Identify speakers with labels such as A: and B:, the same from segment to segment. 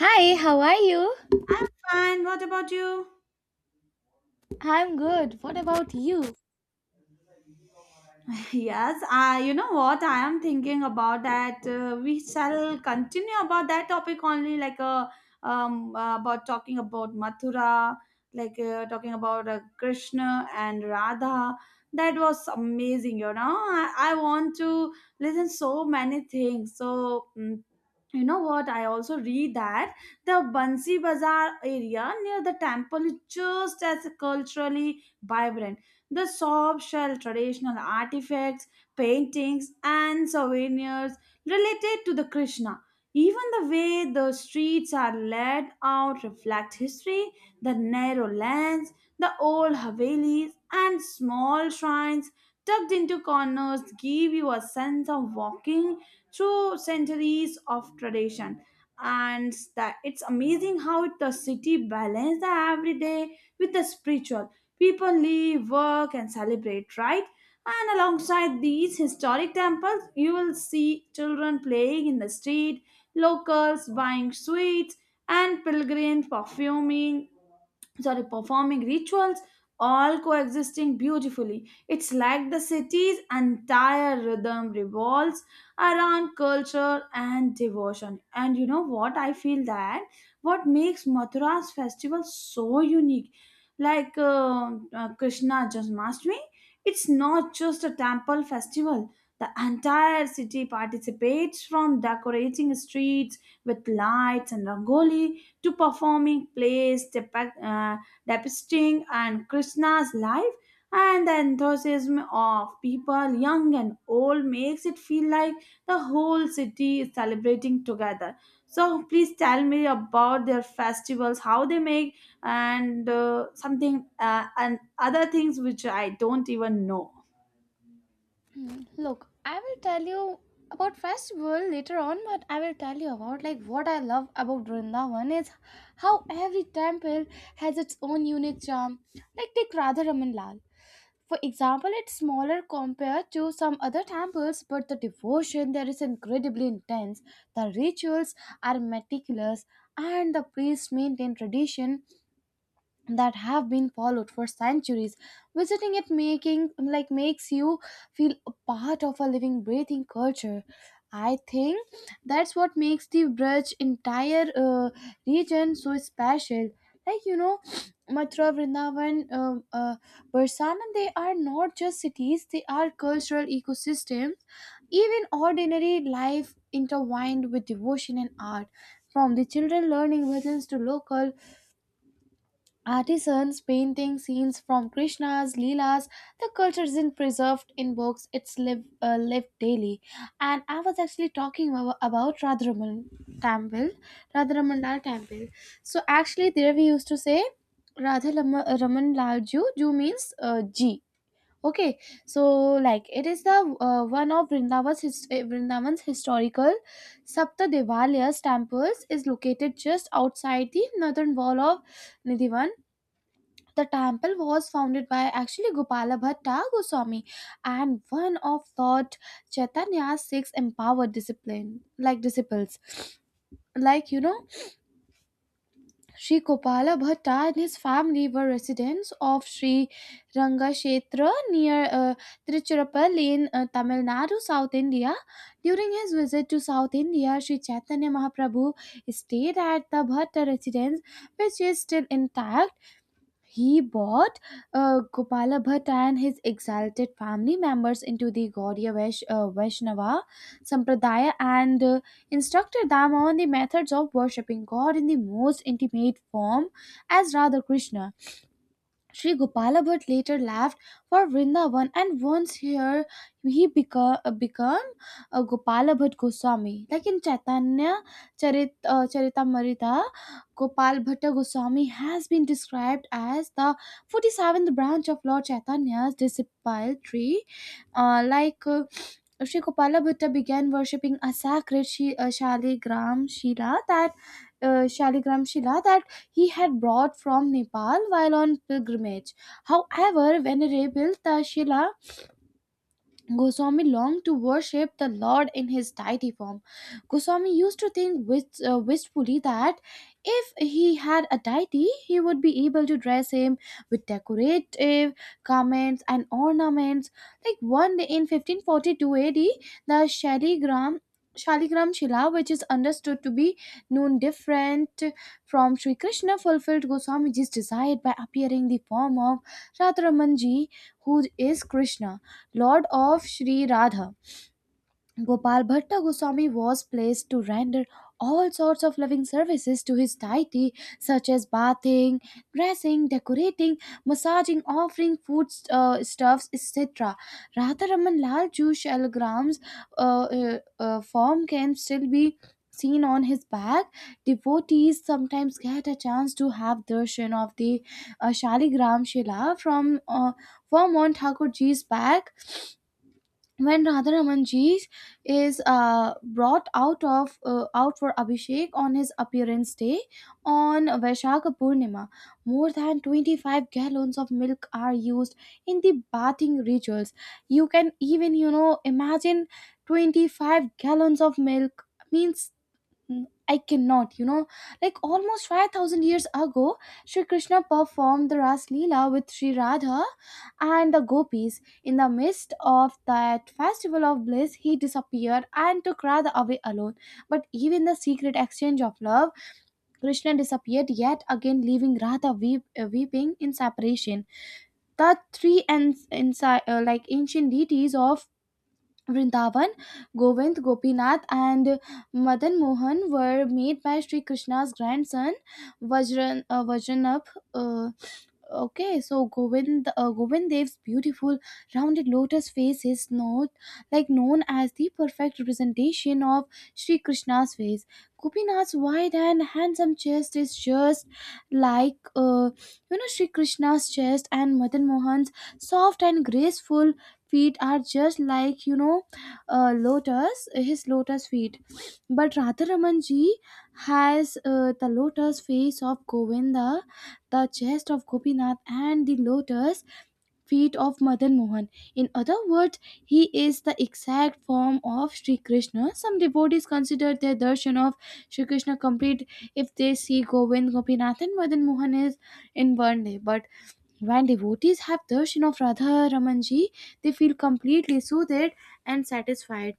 A: Hi, how are you?
B: I'm fine. What about you?
A: I'm good. What about you?
B: Yes, I. You know what? I am thinking about that. We shall continue about that topic only, about talking about Mathura, talking about Krishna and Radha. That was amazing. You know, I want to listen so many things. You know what? I also read that the Bansi Bazaar area near the temple is just as culturally vibrant. The shop sells traditional artifacts, paintings, and souvenirs related to the Krishna. Even the way the streets are laid out reflect history, the narrow lanes, the old havelis, and small shrines tucked into corners give you a sense of walking through centuries of tradition. And that it's amazing how the city balances the everyday with the spiritual. People live, work, and celebrate, right? And alongside these historic temples, you will see children playing in the street, locals buying sweets, and pilgrims perfuming, sorry, performing rituals, all coexisting beautifully. It's like the city's entire rhythm revolves around culture and devotion. And you know what, I feel that what makes Mathura's festival so unique, Krishna Janmashtami, it's not just a temple festival. The entire city participates, from decorating streets with lights and rangoli to performing plays depicting and Krishna's life, and the enthusiasm of people young and old makes it feel like the whole city is celebrating together. So please tell me about their festivals, how they make, and something and other things which I don't even know.
A: Hmm, look, I will tell you about festival later on, but I will tell you about like what I love about Vrindavan is how every temple has its own unique charm. Like take Radha Raman Lal. For example, it's smaller compared to some other temples, but the devotion there is incredibly intense. The rituals are meticulous, and the priests maintain tradition that have been followed for centuries. Visiting it, making like makes you feel a part of a living breathing culture. I think that's what makes the Braj entire region so special. Like you know, Mathura, Vrindavan, Barsana, they are not just cities, they are cultural ecosystems. Even ordinary life intertwined with devotion and art, from the children learning bhajans to local artisans painting scenes from Krishna's Leelas. The culture isn't preserved in books, it's lived daily. And I was actually talking about Radharaman Temple, Radharaman Lal Temple. So actually, there we used to say Radha Lama- Raman Lal Ju. Ju means G. Okay, so like it is the one of Vrindavan's, his, Vrindavan's historical Sapta Devalayas temples, is located just outside the northern wall of Nidhivan. The temple was founded by actually Gopala Bhatt Goswami, and one of Lord Chaitanya's six empowered discipline like disciples. Like you know, Sri Gopala Bhatt and his family were residents of Sri Rangashetra near Tiruchirappalli in Tamil Nadu, South India. During his visit to South India, Sri Chaitanya Mahaprabhu stayed at the Bhatt residence, which is still intact. He brought Gopala Bhatt and his exalted family members into the Gaudiya Vaishnava Sampradaya, and instructed them on the methods of worshipping God in the most intimate form as Radha Krishna. Sri Gopala Bhatt later left for Vrindavan, and once here he became a Gopala Bhatt Goswami. Like in Chaitanya Charitamrita, Gopal Bhatta Goswami has been described as the 47th branch of Lord Chaitanya's disciple tree. Uh, like uh, Sri Gopala Bhatta began worshipping a sacred Shaligram Shila that uh, Shaligram Shila that he had brought from Nepal while on pilgrimage. However, venerable rebuilt, the Goswami longed to worship the Lord in his deity form. Goswami used to think wistfully that if he had a deity, he would be able to dress him with decorative garments and ornaments. Like one day in 1542 AD, the Shaligram Shila, which is understood to be known different from Sri Krishna, fulfilled Goswamiji's desire by appearing the form of Radharamanji, who is Krishna, Lord of Sri Radha. Gopal Bhatta Goswami was placed to render all sorts of loving services to his deity, such as bathing, dressing, decorating, massaging, offering food stuffs, etc. Radharaman Lal Ju Shalgram's form can still be seen on his back. Devotees sometimes get a chance to have darshan of the Shaligram Shila from on Thakurji's back when Radharamanji is brought out for Abhishek on his appearance day. On Vaishakha Purnima, more than 25 gallons of milk are used in the bathing rituals. You can even imagine 25 gallons of milk means. Mm, I cannot, like almost 5,000 years ago, Sri Krishna performed the Ras Leela with Sri Radha and the gopis. In the midst of that festival of bliss, he disappeared and took Radha away alone. But even the secret exchange of love, Krishna disappeared yet again, leaving Radha weeping in separation. The like ancient deities of Vrindavan, Govind, Gopinath, and Madan Mohan, were made by Sri Krishna's grandson Vajranabh. uh, Okay, so Govind Dev's beautiful rounded lotus face is not like known as the perfect representation of Sri Krishna's face. Gopinath's wide and handsome chest is just like Sri Krishna's chest, and Madan Mohan's soft and graceful feet are just like lotus his lotus feet. But Radharaman ji has the lotus face of Govinda, the chest of Gopinath, and the lotus feet of Madan Mohan. In other words, he is the exact form of Sri Krishna. Some devotees consider their darshan of Sri Krishna complete if they see Govind, Gopinath, and Madan Mohan is in one day. But when devotees have darshan of Radha Ramanji, they feel completely soothed and satisfied.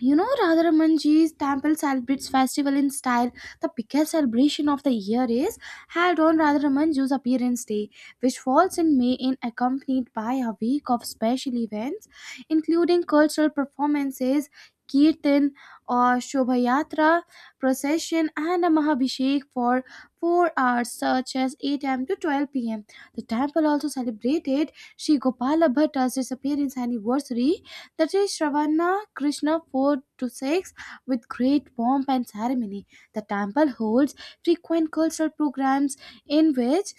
A: You know, Radharamanji's temple celebrates festival in style. The biggest celebration of the year is held on Radharamanju's appearance day, which falls in May and accompanied by a week of special events, including cultural performances, kirtan or shobhayatra procession, and a mahabhishek for 4 hours, such as 8 a.m. to 12 pm. The temple also celebrated Sri Gopala Bhatta's disappearance anniversary, that is Shravana Krishna 4 to 6, with great pomp and ceremony. The temple holds frequent cultural programs in which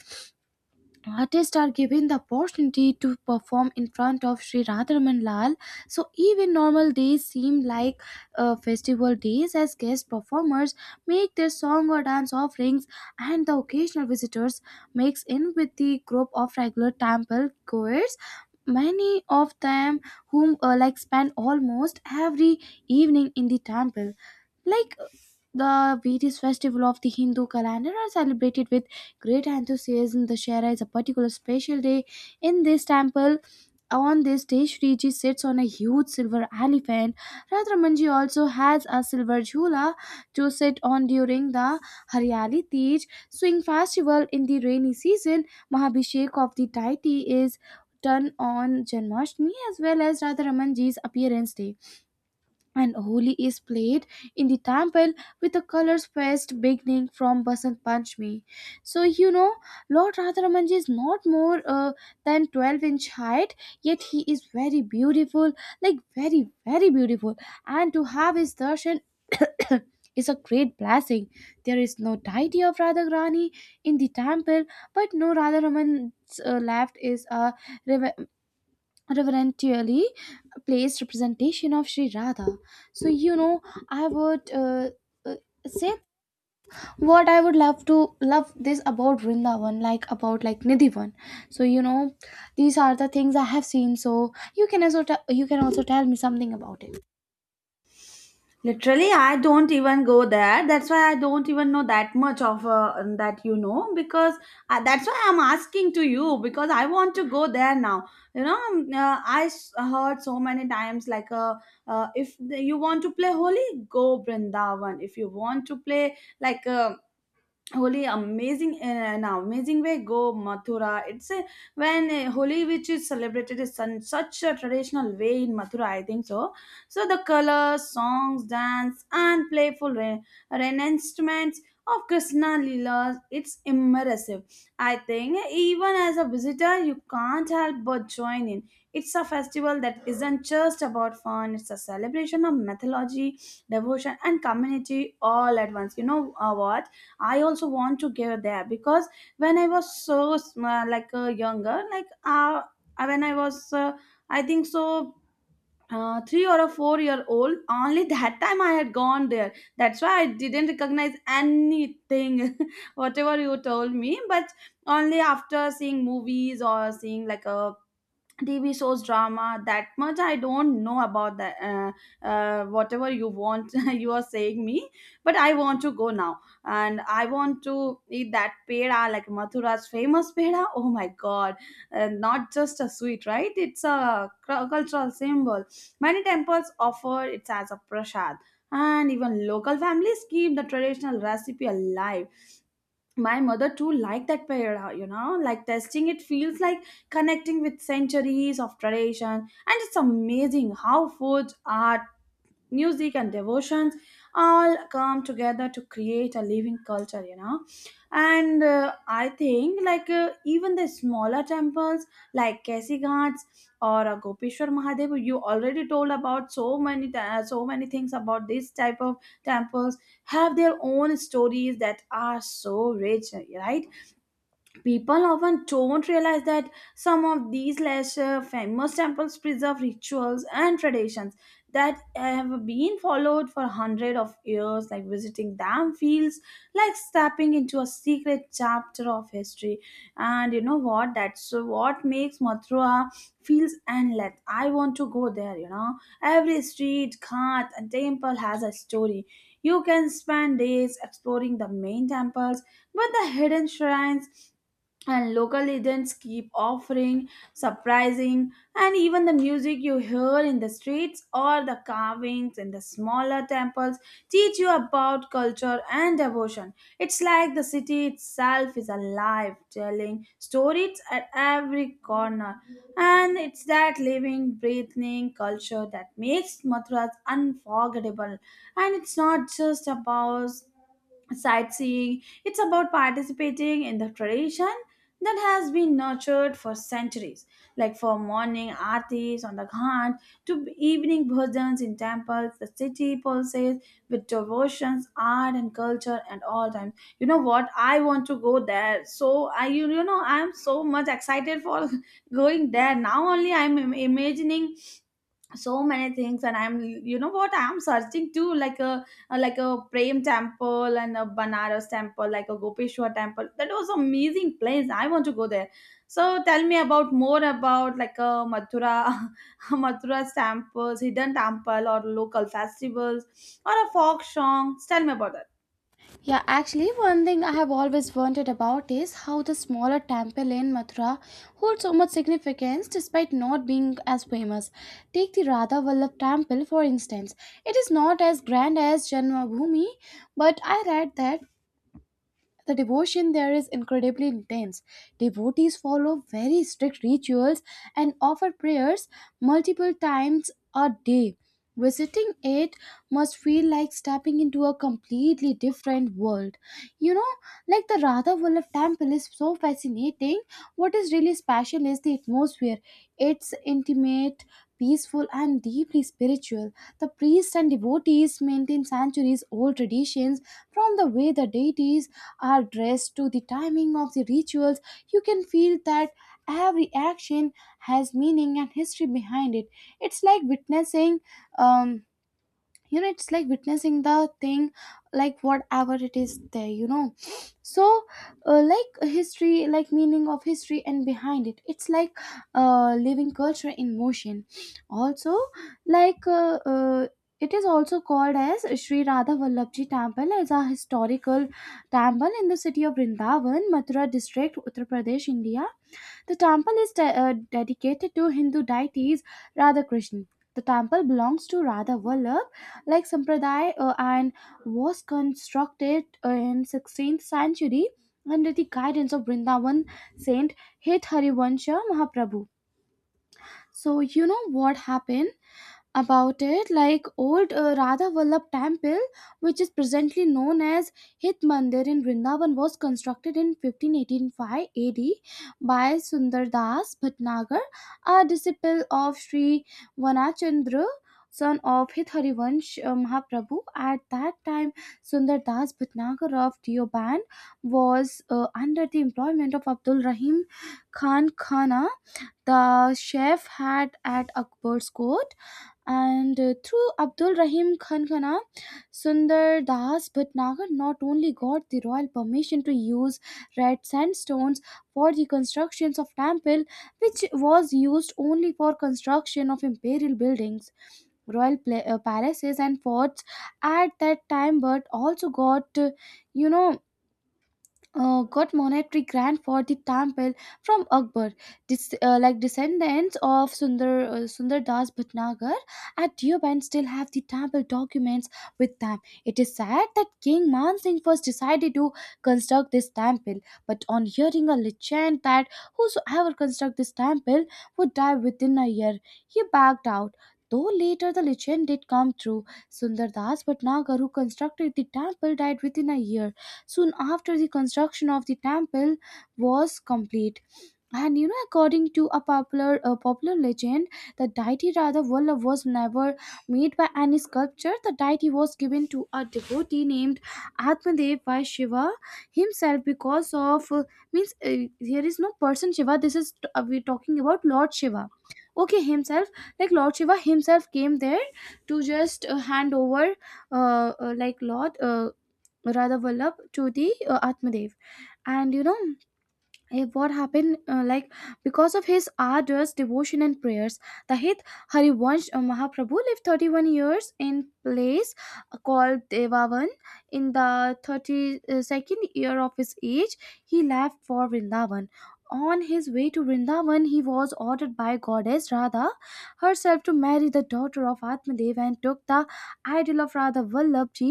A: artists are given the opportunity to perform in front of Sri Radharaman Lal. So even normal days seem like festival days, as guest performers make their song or dance offerings and the occasional visitors mix in with the group of regular temple goers. Many of them whom like spend almost every evening in the temple. Like the various festival of the Hindu calendar are celebrated with great enthusiasm. The Shera is a particular special day in this temple. On this day, Shriji sits on a huge silver elephant. Radhamanji also has a silver jhula to sit on during the Haryali Tej swing festival in the rainy season. Mahabhishek of the deity is done on Janmashtami as well as Radharamanji's appearance day, and Holi is played in the temple with a colors fest beginning from Basant Panchami. So you know, Lord Radharamanji is not more than 12 inch height, yet he is very beautiful, like very very beautiful. And to have his darshan is a great blessing. There is no deity of Radharani in the temple, but no Radharaman's left is a rev- reverentially placed representation of Sri Radha. So you know, I would uh, say what I would love to love this about Vrindavan, like about like Nidhivan. So you know, these are the things I have seen. So you can also tell me something about it.
B: Literally, I don't even go there. That's why I don't even know that much of that, you know, because that's why I'm asking to you, because I want to go there now. I s- heard so many times, if you want to play holy, go Brindavan. If you want to play Holi amazing in an amazing way, go Mathura. It's a, when Holi which is celebrated is in such a traditional way in Mathura. I think so. So the colors, songs, dance, and playful re- reenactments of Krishna Leelas. It's immersive. I think even as a visitor, you can't help but join in. It's a festival that isn't just about fun. It's a celebration of mythology, devotion, and community all at once. You know what? I also want to go there because when I was so younger, like when I was I think so three or a 4 year old only that time I had gone there, that's why I didn't recognize anything whatever you told me, but only after seeing movies or seeing like a TV shows, drama, that much I don't know about that. Whatever you want, you are saying me, but I want to go now, and I want to eat that peda, like Mathura's famous peda. Oh my God, not just a sweet, right? It's a cultural symbol. Many temples offer it as a prasad, and even local families keep the traditional recipe alive. My mother too liked that paella, you know, like tasting it feels like connecting with centuries of tradition. And it's amazing how food, art, music, and devotions all come together to create a living culture, you know. And I think even the smaller temples like Kasi Ghats or Gopeshwar Mahadev, you already told about so many so many things about this type of temples have their own stories that are so rich, right? People often don't realize that some of these lesser famous temples preserve rituals and traditions that have been followed for hundreds of years. Like visiting them feels like stepping into a secret chapter of history. And you know what, that's what makes Mathura feels endless. I want to go there, you know. Every street, ghat, and temple has a story. You can spend days exploring the main temples, but the hidden shrines and local legends keep offering surprising. And even the music you hear in the streets or the carvings in the smaller temples teach you about culture and devotion. It's like the city itself is alive, telling stories at every corner. And it's that living breathing culture that makes Mathura unforgettable. And it's not just about sightseeing. It's about participating in the tradition that has been nurtured for centuries, like from morning aartis on the ghat to evening bhajans in temples. The city pulses with devotions, art, and culture at all times. You know what? I want to go there. So I, you know, I'm so much excited for going there. Now only I'm imagining so many things, and I'm, you know what, I'm searching too, like a prem temple and a banaras temple, like a gopeshwar temple. That was amazing place. I want to go there. So tell me about more about like a Mathura. Mathura's temples, hidden temple, or local festivals, or a folk songs, tell me about that.
A: Yeah, actually, one thing I have always wondered about is how the smaller temple in Mathura holds so much significance despite not being as famous. Take the Radha Vallabh temple, for instance. It is not as grand as Janmabhoomi, but I read that the devotion there is incredibly intense. Devotees follow very strict rituals and offer prayers multiple times a day. Visiting it must feel like stepping into a completely different world. You know, like the Radha Vallabh temple is so fascinating. What is really special is the atmosphere. It's intimate, peaceful, and deeply spiritual. The priests and devotees maintain centuries old traditions. From the way the deities are dressed to the timing of the rituals, you can feel that every action has meaning and history behind it. It's like witnessing um, the thing, like whatever it is there, so like history, like meaning of history, and behind it's like living culture in motion. Also, like it is also called as Sri Radha Vallabhji Temple, as a historical temple in the city of Vrindavan, Mathura district, Uttar Pradesh, India. The temple is dedicated to Hindu deities Radhakrishna. The temple belongs to Radha Vallabh, like Sampradaya, and was constructed in 16th century under the guidance of Vrindavan Saint Hit Harivansha Mahaprabhu. So you know what happened about it? Like, old Radha Vallabh temple, which is presently known as Hit Mandir in Vrindavan, was constructed in 1585 AD by Sundar Das Bhatnagar, a disciple of Sri Vanachandra, son of Hitharivansh Mahaprabhu. At that time, Sundar Das Bhatnagar of Deoband was under the employment of Abdul Rahim Khan Khana, the chef had at Akbar's court, and through Abdul Rahim Khan Khanna, Sundar Das Bhatnagar not only got the royal permission to use red sandstones for the constructions of temple, which was used only for construction of imperial buildings, royal palaces and forts at that time, but also you know, got monetary grant for the temple from Akbar. Like descendants of Sundar Das Bhatnagar at Deoband still have the temple documents with them. It is said that King Man Singh first decided to construct this temple, but on hearing a legend that whosoever construct this temple would die within a year, he backed out. Though later the legend did come true, Sundar Das Bhatnagar, who constructed the temple, died within a year, soon after the construction of the temple was complete. According to a popular legend, the deity Radha Vallabh was never made by any sculpture. The deity was given to a devotee named Atmadev by Shiva himself because of means here is no person Shiva. This is we're talking about Lord Shiva. Okay, himself, like Lord Shiva himself came there to just hand over like Lord Radha Vallabh to the Atmadev, and you know. Eh, what happened like, because of his arduous devotion and prayers, the hit Harivansh Mahaprabhu lived 31 years in place called Devavan. In the 32nd year of his age, he left for Vrindavan. On his way to Vrindavan, he was ordered by goddess Radha herself to marry the daughter of Atmadev and took the idol of Radha Vallabhji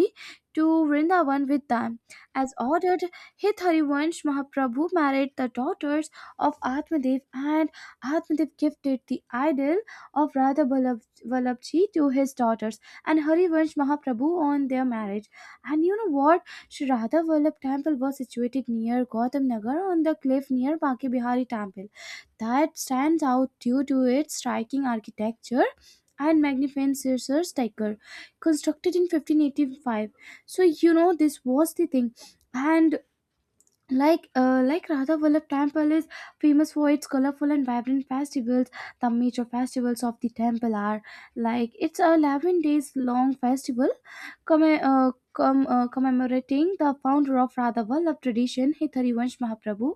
A: to Vrindavan with them. As ordered, Hitharivansh Mahaprabhu married the daughters of Atmadev, and Atmadev gifted the idol of Vallabhji to his daughters and Harivansh Mahaprabhu on their marriage. And you know what? Sri Radha Vallabh temple was situated near Gautam Nagar on the cliff near Baki Bihari temple that stands out due to its striking architecture and magnificent Caesar's tiger, constructed in 1585. So this was the thing. And like Radha Vallabh temple is famous for its colorful and vibrant festivals. The major festivals of the temple are, like, it's a 11 days long festival commemorating the founder of Radha Vallabh tradition, Hitharivansh Mahaprabhu.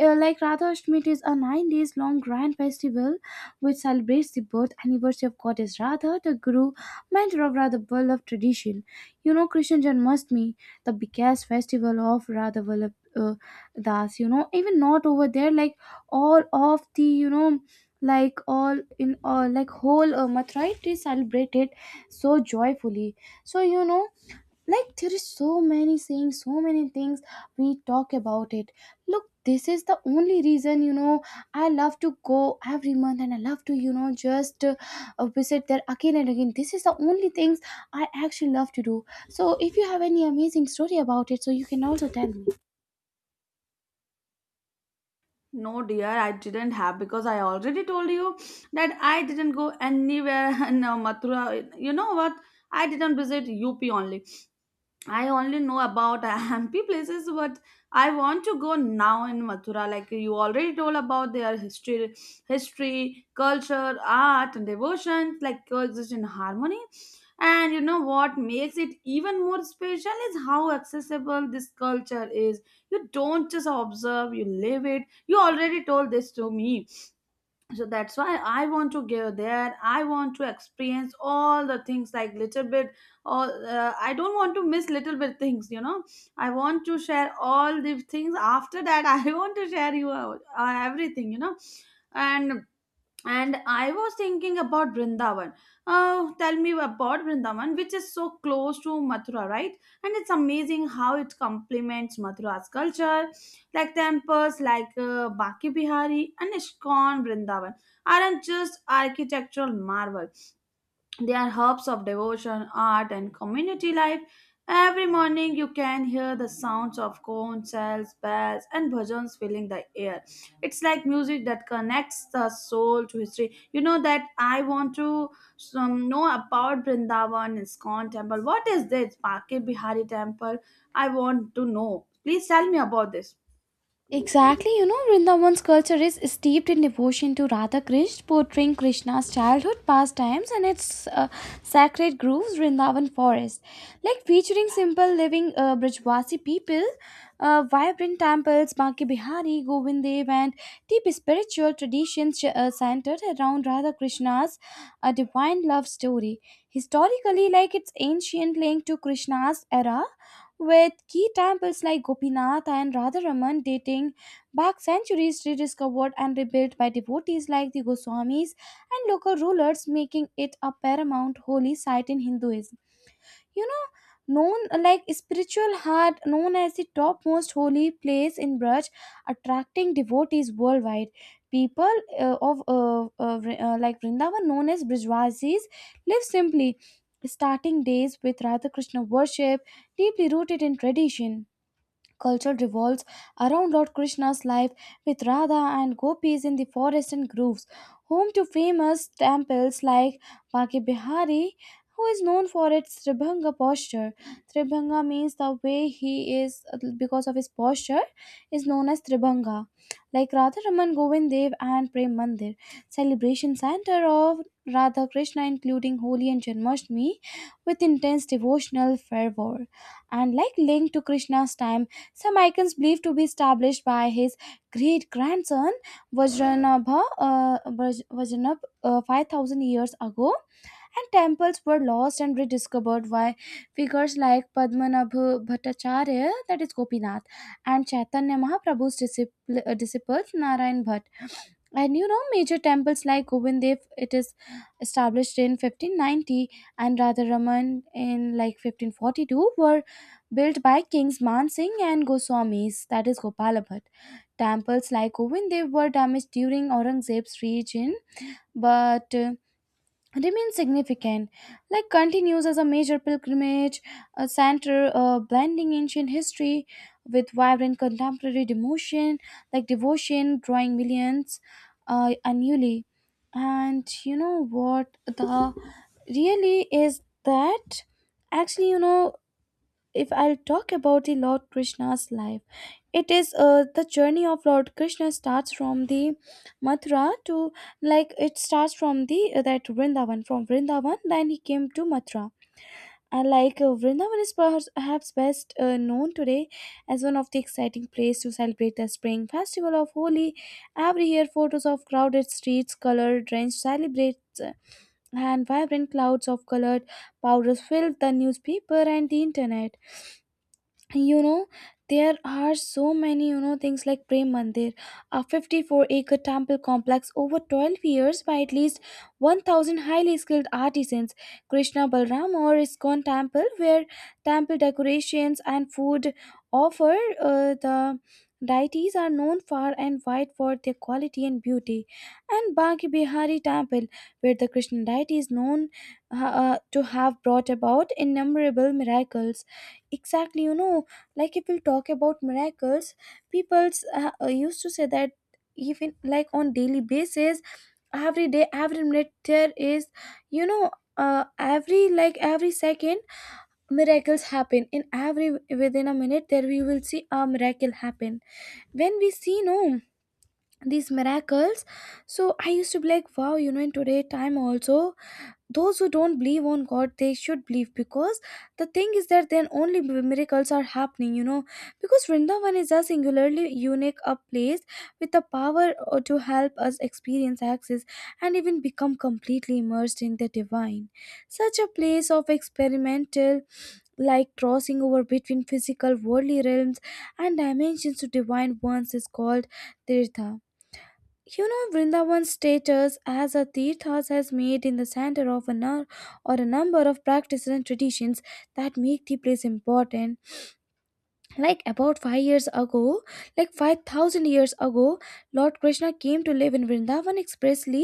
A: Like Radha Ashtami, it is a 9 days long grand festival which celebrates the birth anniversary of goddess Radha, the guru, mentor of Radha Vallabh tradition. You know, Krishna Janmashtami, the biggest festival of Radha Vallabh Das, you know, even not over there, like all of the, you know, like all in all, like whole Mathura, it is celebrated so joyfully. So, you know, like there is so many sayings, so many things we talk about it. Look, this is the only reason, you know, I love to go every month and I love to, you know just visit there again and again. This is the only things I actually love to do. So if you have any amazing story about it, so you can also tell me.
B: No dear, I didn't have, because I already told you that I didn't go anywhere in Mathura. You know what, I didn't visit up only. I only know about Hampi places, but I want to go now in Mathura. Like you already told about their history, history, culture, art, and devotion, like coexist in harmony. And you know what makes it even more special is how accessible this culture is. You don't just observe, you live it. You already told this to me, so that's why I want to go there. I want to experience all the things, like little bit all, I don't want to miss little bit things, you know. I want to share all the things after that. I want to share you out, everything, you know. And and I was thinking about Vrindavan. Oh, tell me about Vrindavan, which is so close to Mathura, right? And it's amazing how it complements Mathura's culture. Like temples like Baki Bihari and Ishkon Vrindavan aren't just architectural marvel, they are hubs of devotion, art, and community life. Every morning you can hear the sounds of conch shells, bells, and bhajans filling the air. It's like music that connects the soul to history. You know that I want to know about Vrindavan Iskon temple. What is this Bake Bihari temple? I want to know. Please tell me about this.
A: Exactly, you know, Vrindavan's culture is steeped in devotion to Radha Krishna, portraying Krishna's childhood pastimes and its sacred groves, Vrindavan forest. Like featuring simple living Brajwasi people, vibrant temples, Banki Bihari, Govindev, and deep spiritual traditions centered around Radha Krishna's divine love story. Historically, like it's ancient link to Krishna's era with key temples like Gopinath and Radharaman dating back centuries, rediscovered and rebuilt by devotees like the Goswamis and local rulers, making it a paramount holy site in Hinduism, you know, known like spiritual heart, known as the topmost holy place in Braj, attracting devotees worldwide. People like Vrindavan known as Brijwasis live simply, starting days with Radha Krishna worship, deeply rooted in tradition. Culture revolves around Lord Krishna's life with Radha and gopis in the forest and groves, home to famous temples like Baki Bihari, who is known for its Tribhanga posture. Tribhanga means the way he is, because of his posture is known as Tribhanga. Like Radharaman, Govind Dev, and Prem Mandir, celebration center of Radha Krishna including Holi and Janmashtami with intense devotional fervor, and like linked to Krishna's time, some icons believed to be established by his great grandson Vajranabh, 5000 years ago, and temples were lost and rediscovered by figures like Padmanabha Bhattacharya, that is Gopinath, and Chaitanya Mahaprabhu's disciples Narayan Bhatt. And you know, major temples like Govindev, it is established in 1590, and Radharaman in like 1542, were built by kings Man Singh and Goswamis, that is Gopala. Temples like Govindev were damaged during Aurangzeb's reign, but remains significant, like continues as a major pilgrimage a center, blending ancient history with vibrant contemporary devotion, like devotion drawing millions annually. And you know what the really is, that actually, you know, if I'll talk about the Lord Krishna's life, it is the journey of Lord Krishna starts from the Mathura to, like it starts from the that Vrindavan from Vrindavan, then he came to Mathura. And like Vrindavan is perhaps best known today as one of the exciting place to celebrate the spring festival of Holi. Every year, photos of crowded streets, color-drenched celebrates, and vibrant clouds of colored powders fill the newspaper and the internet. You know, there are so many, you know, things like Prem Mandir, a 54-acre temple complex over 12 years by at least 1000 highly skilled artisans. Krishna Balram or Iskon temple, where temple decorations and food offer the deities are known far and wide for their quality and beauty. And Banki Bihari temple, where the Krishna deity is known to have brought about innumerable miracles. Exactly, you know, like if we talk about miracles, people used to say that even like on daily basis, every day, every minute there is, you know, every second, miracles happen in every, within a minute, there we will see a miracle happen. When we see no, these miracles, so I used to be like, wow, you know, in today time also, those who don't believe on god they should believe, because the thing is that then only miracles are happening, you know. Because Vrindavan is a singularly unique a place with the power to help us experience, access, and even become completely immersed in the divine. Such a place of experimental, like crossing over between physical worldly realms and dimensions to divine ones is called tirtha. You know, Vrindavan's status as a Tirthas has made in the center of a number of practices and traditions that make the place important. Like about 5 years ago like 5000 years ago, Lord Krishna came to live in Vrindavan expressly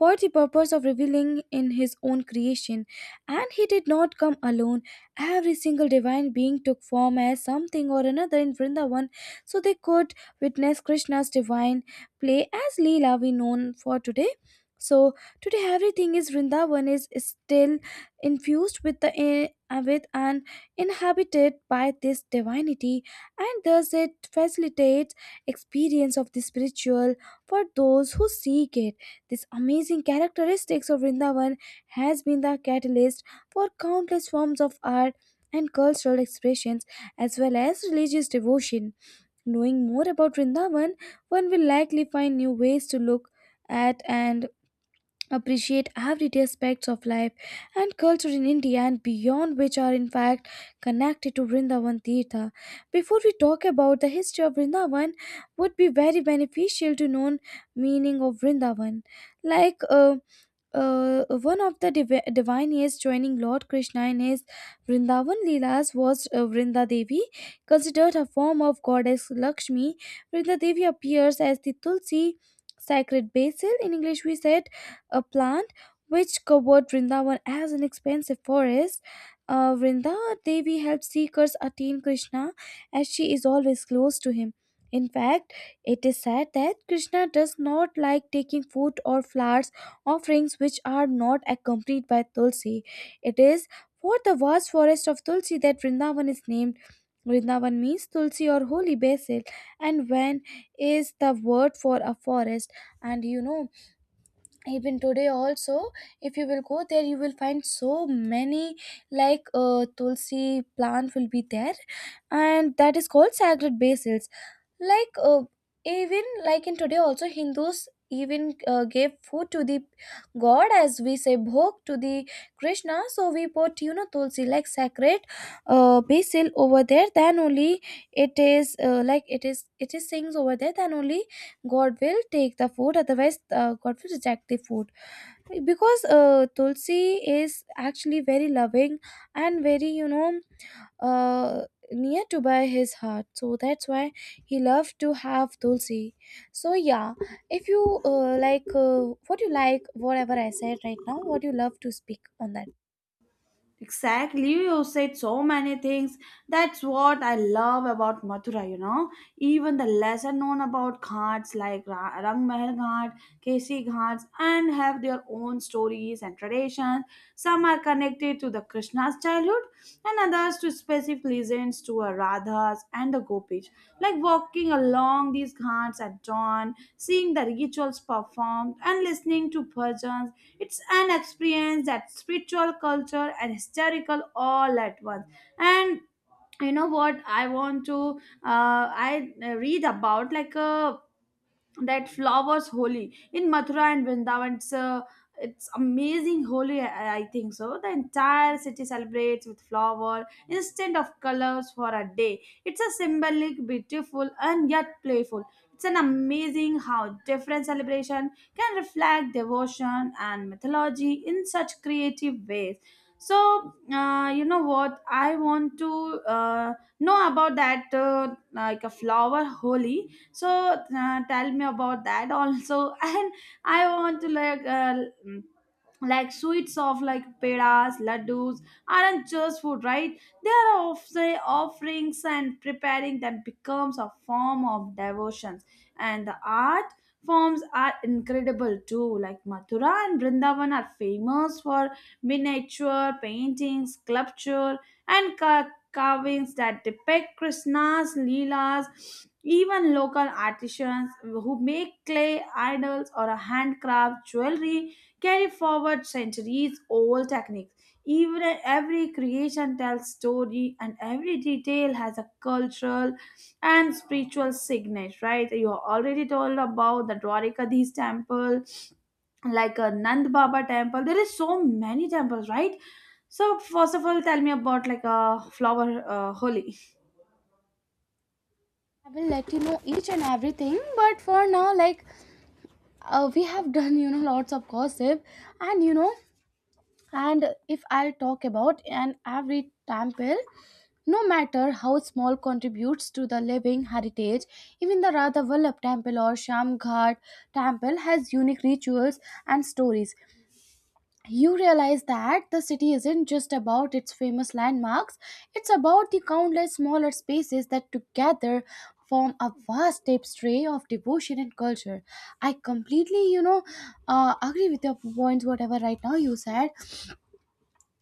A: for the purpose of revealing in his own creation, and he did not come alone. Every single divine being took form as something or another in Vrindavan so they could witness Krishna's divine play as leela we know for today. So today, everything is Vrindavan is still infused with the eh, with an inhabited by this divinity, and thus it facilitates experience of the spiritual for those who seek it. This amazing characteristics of Vrindavan has been the catalyst for countless forms of art and cultural expressions, as well as religious devotion. Knowing more about Vrindavan, one will likely find new ways to look at and appreciate every aspects of life and culture in India and beyond, which are in fact connected to Vrindavan Tirtha. Before we talk about the history of Vrindavan, would be very beneficial to know meaning of Vrindavan. Like one of the divine is joining Lord Krishna in his Vrindavan Leelas was Vrinda Devi, considered a form of goddess Lakshmi. Vrinda Devi appears as the Tulsi, sacred basil, in English we said, a plant which covered Vrindavan as an expansive forest. Vrinda Devi helps seekers attain Krishna as she is always close to him. In fact, it is said that Krishna does not like taking food or flowers offerings which are not accompanied by tulsi. It is for the vast forest of tulsi that Vrindavan is named. Vrindavan means tulsi or holy basil, and van is the word for a forest. And you know, even today also, if you will go there, you will find so many like tulsi plant will be there, and that is called sacred basil. Like even like in today also, hindus even gave food to the god, as we say bhog to the Krishna, so we put, you know, tulsi like sacred basil over there, then only it is like it is, it is things over there, then only god will take the food, otherwise god will reject the food, because tulsi is actually very loving and very, you know, uh, near to by his heart, so that's why he loved to have tulsi. So yeah, if you what you like, whatever I said right now, what you love to speak on that.
B: Exactly, you said so many things. That's what I love about Mathura, you know. Even the lesser known about ghats like Rang Mahal Ghat, Kesi Ghats, and have their own stories and traditions. Some are connected to the Krishna's childhood, and others to specific legends to a Radha's and the Gopis. Like walking along these ghats at dawn, seeing the rituals performed, and listening to bhajans, it's an experience that spiritual, culture, and historical all at once. And you know what I want to I read about like a that flowers holy in Mathura and Vrindavan. It's a, it's amazing holy. I think so. The entire city celebrates with flower instead of colors for a day. It's a symbolic, beautiful, and yet playful. It's an amazing how different celebration can reflect devotion and mythology in such creative ways. So you know what, I want to know about that like a flower holy. So tell me about that also. And I want to mm, like sweets of like pedas, laddus aren't just food, right? They are of say offerings, and preparing that becomes a form of devotions. And the art forms are incredible too. Like Mathura and Vrindavan are famous for miniature paintings, sculpture, and carvings that depict Krishna's Leelas. Even local artisans who make clay idols or handcraft jewelry carry forward centuries old techniques. Even every creation tells story and every detail has a cultural and spiritual signet, right? You already told about the Dwarikadish temple, like a Nand Baba temple. There is so many temples, right? So first of all, tell me about like a flower holy.
A: I will let you know each and everything, but for now, like we have done, you know, lots of gossip. And you know And if I talk about an every temple, no matter how small contributes to the living heritage, even the Radha Vallabh temple or Shamghat temple has unique rituals and stories. You realize that the city isn't just about its famous landmarks, it's about the countless smaller spaces that together form a vast tapestry of devotion and culture. I completely, you know, agree with your points, whatever right now you said.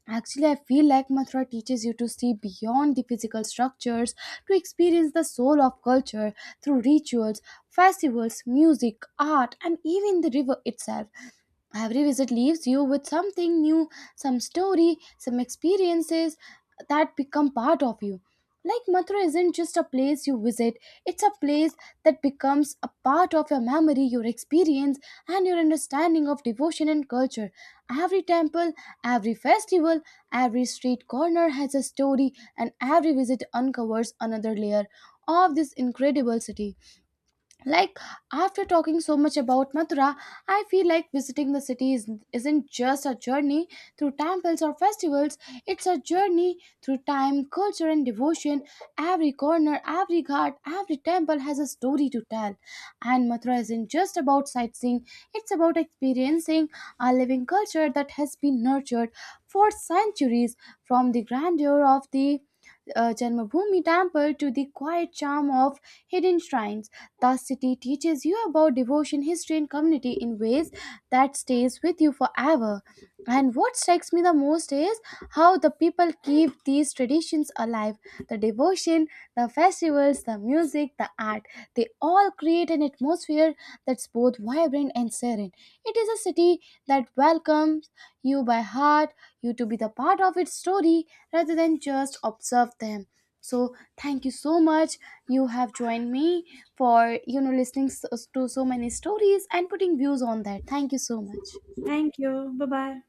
A: Actually, I feel like Mathura teaches you to see beyond the physical structures to experience the soul of culture through rituals, festivals, music, art, and even the river itself. Every visit leaves you with something new, some story, some experiences that become part of you. Like Mathura isn't just a place you visit, it's a place that becomes a part of your memory, your experience, and your understanding of devotion and culture. Every temple, every festival, every street corner has a story, and every visit uncovers another layer of this incredible city. Like, after talking so much about Mathura, I feel like visiting the city is, isn't just a journey through temples or festivals, it's a journey through time, culture, and devotion. Every corner, every ghat, every temple has a story to tell. And Mathura isn't just about sightseeing, it's about experiencing a living culture that has been nurtured for centuries, from the grandeur of the Janmabhoomi temple to the quiet charm of hidden shrines. The city teaches you about devotion, history, and community in ways that stays with you forever. And what strikes me the most is how the people keep these traditions alive. The devotion, the festivals, the music, the art, they all create an atmosphere that's both vibrant and serene. It is a city that welcomes you by heart, you to be the part of its story rather than just observe them. So thank you so much. You have joined me for, you know, listening to so many stories and putting views on that. Thank you so much.
B: Thank you. Bye bye.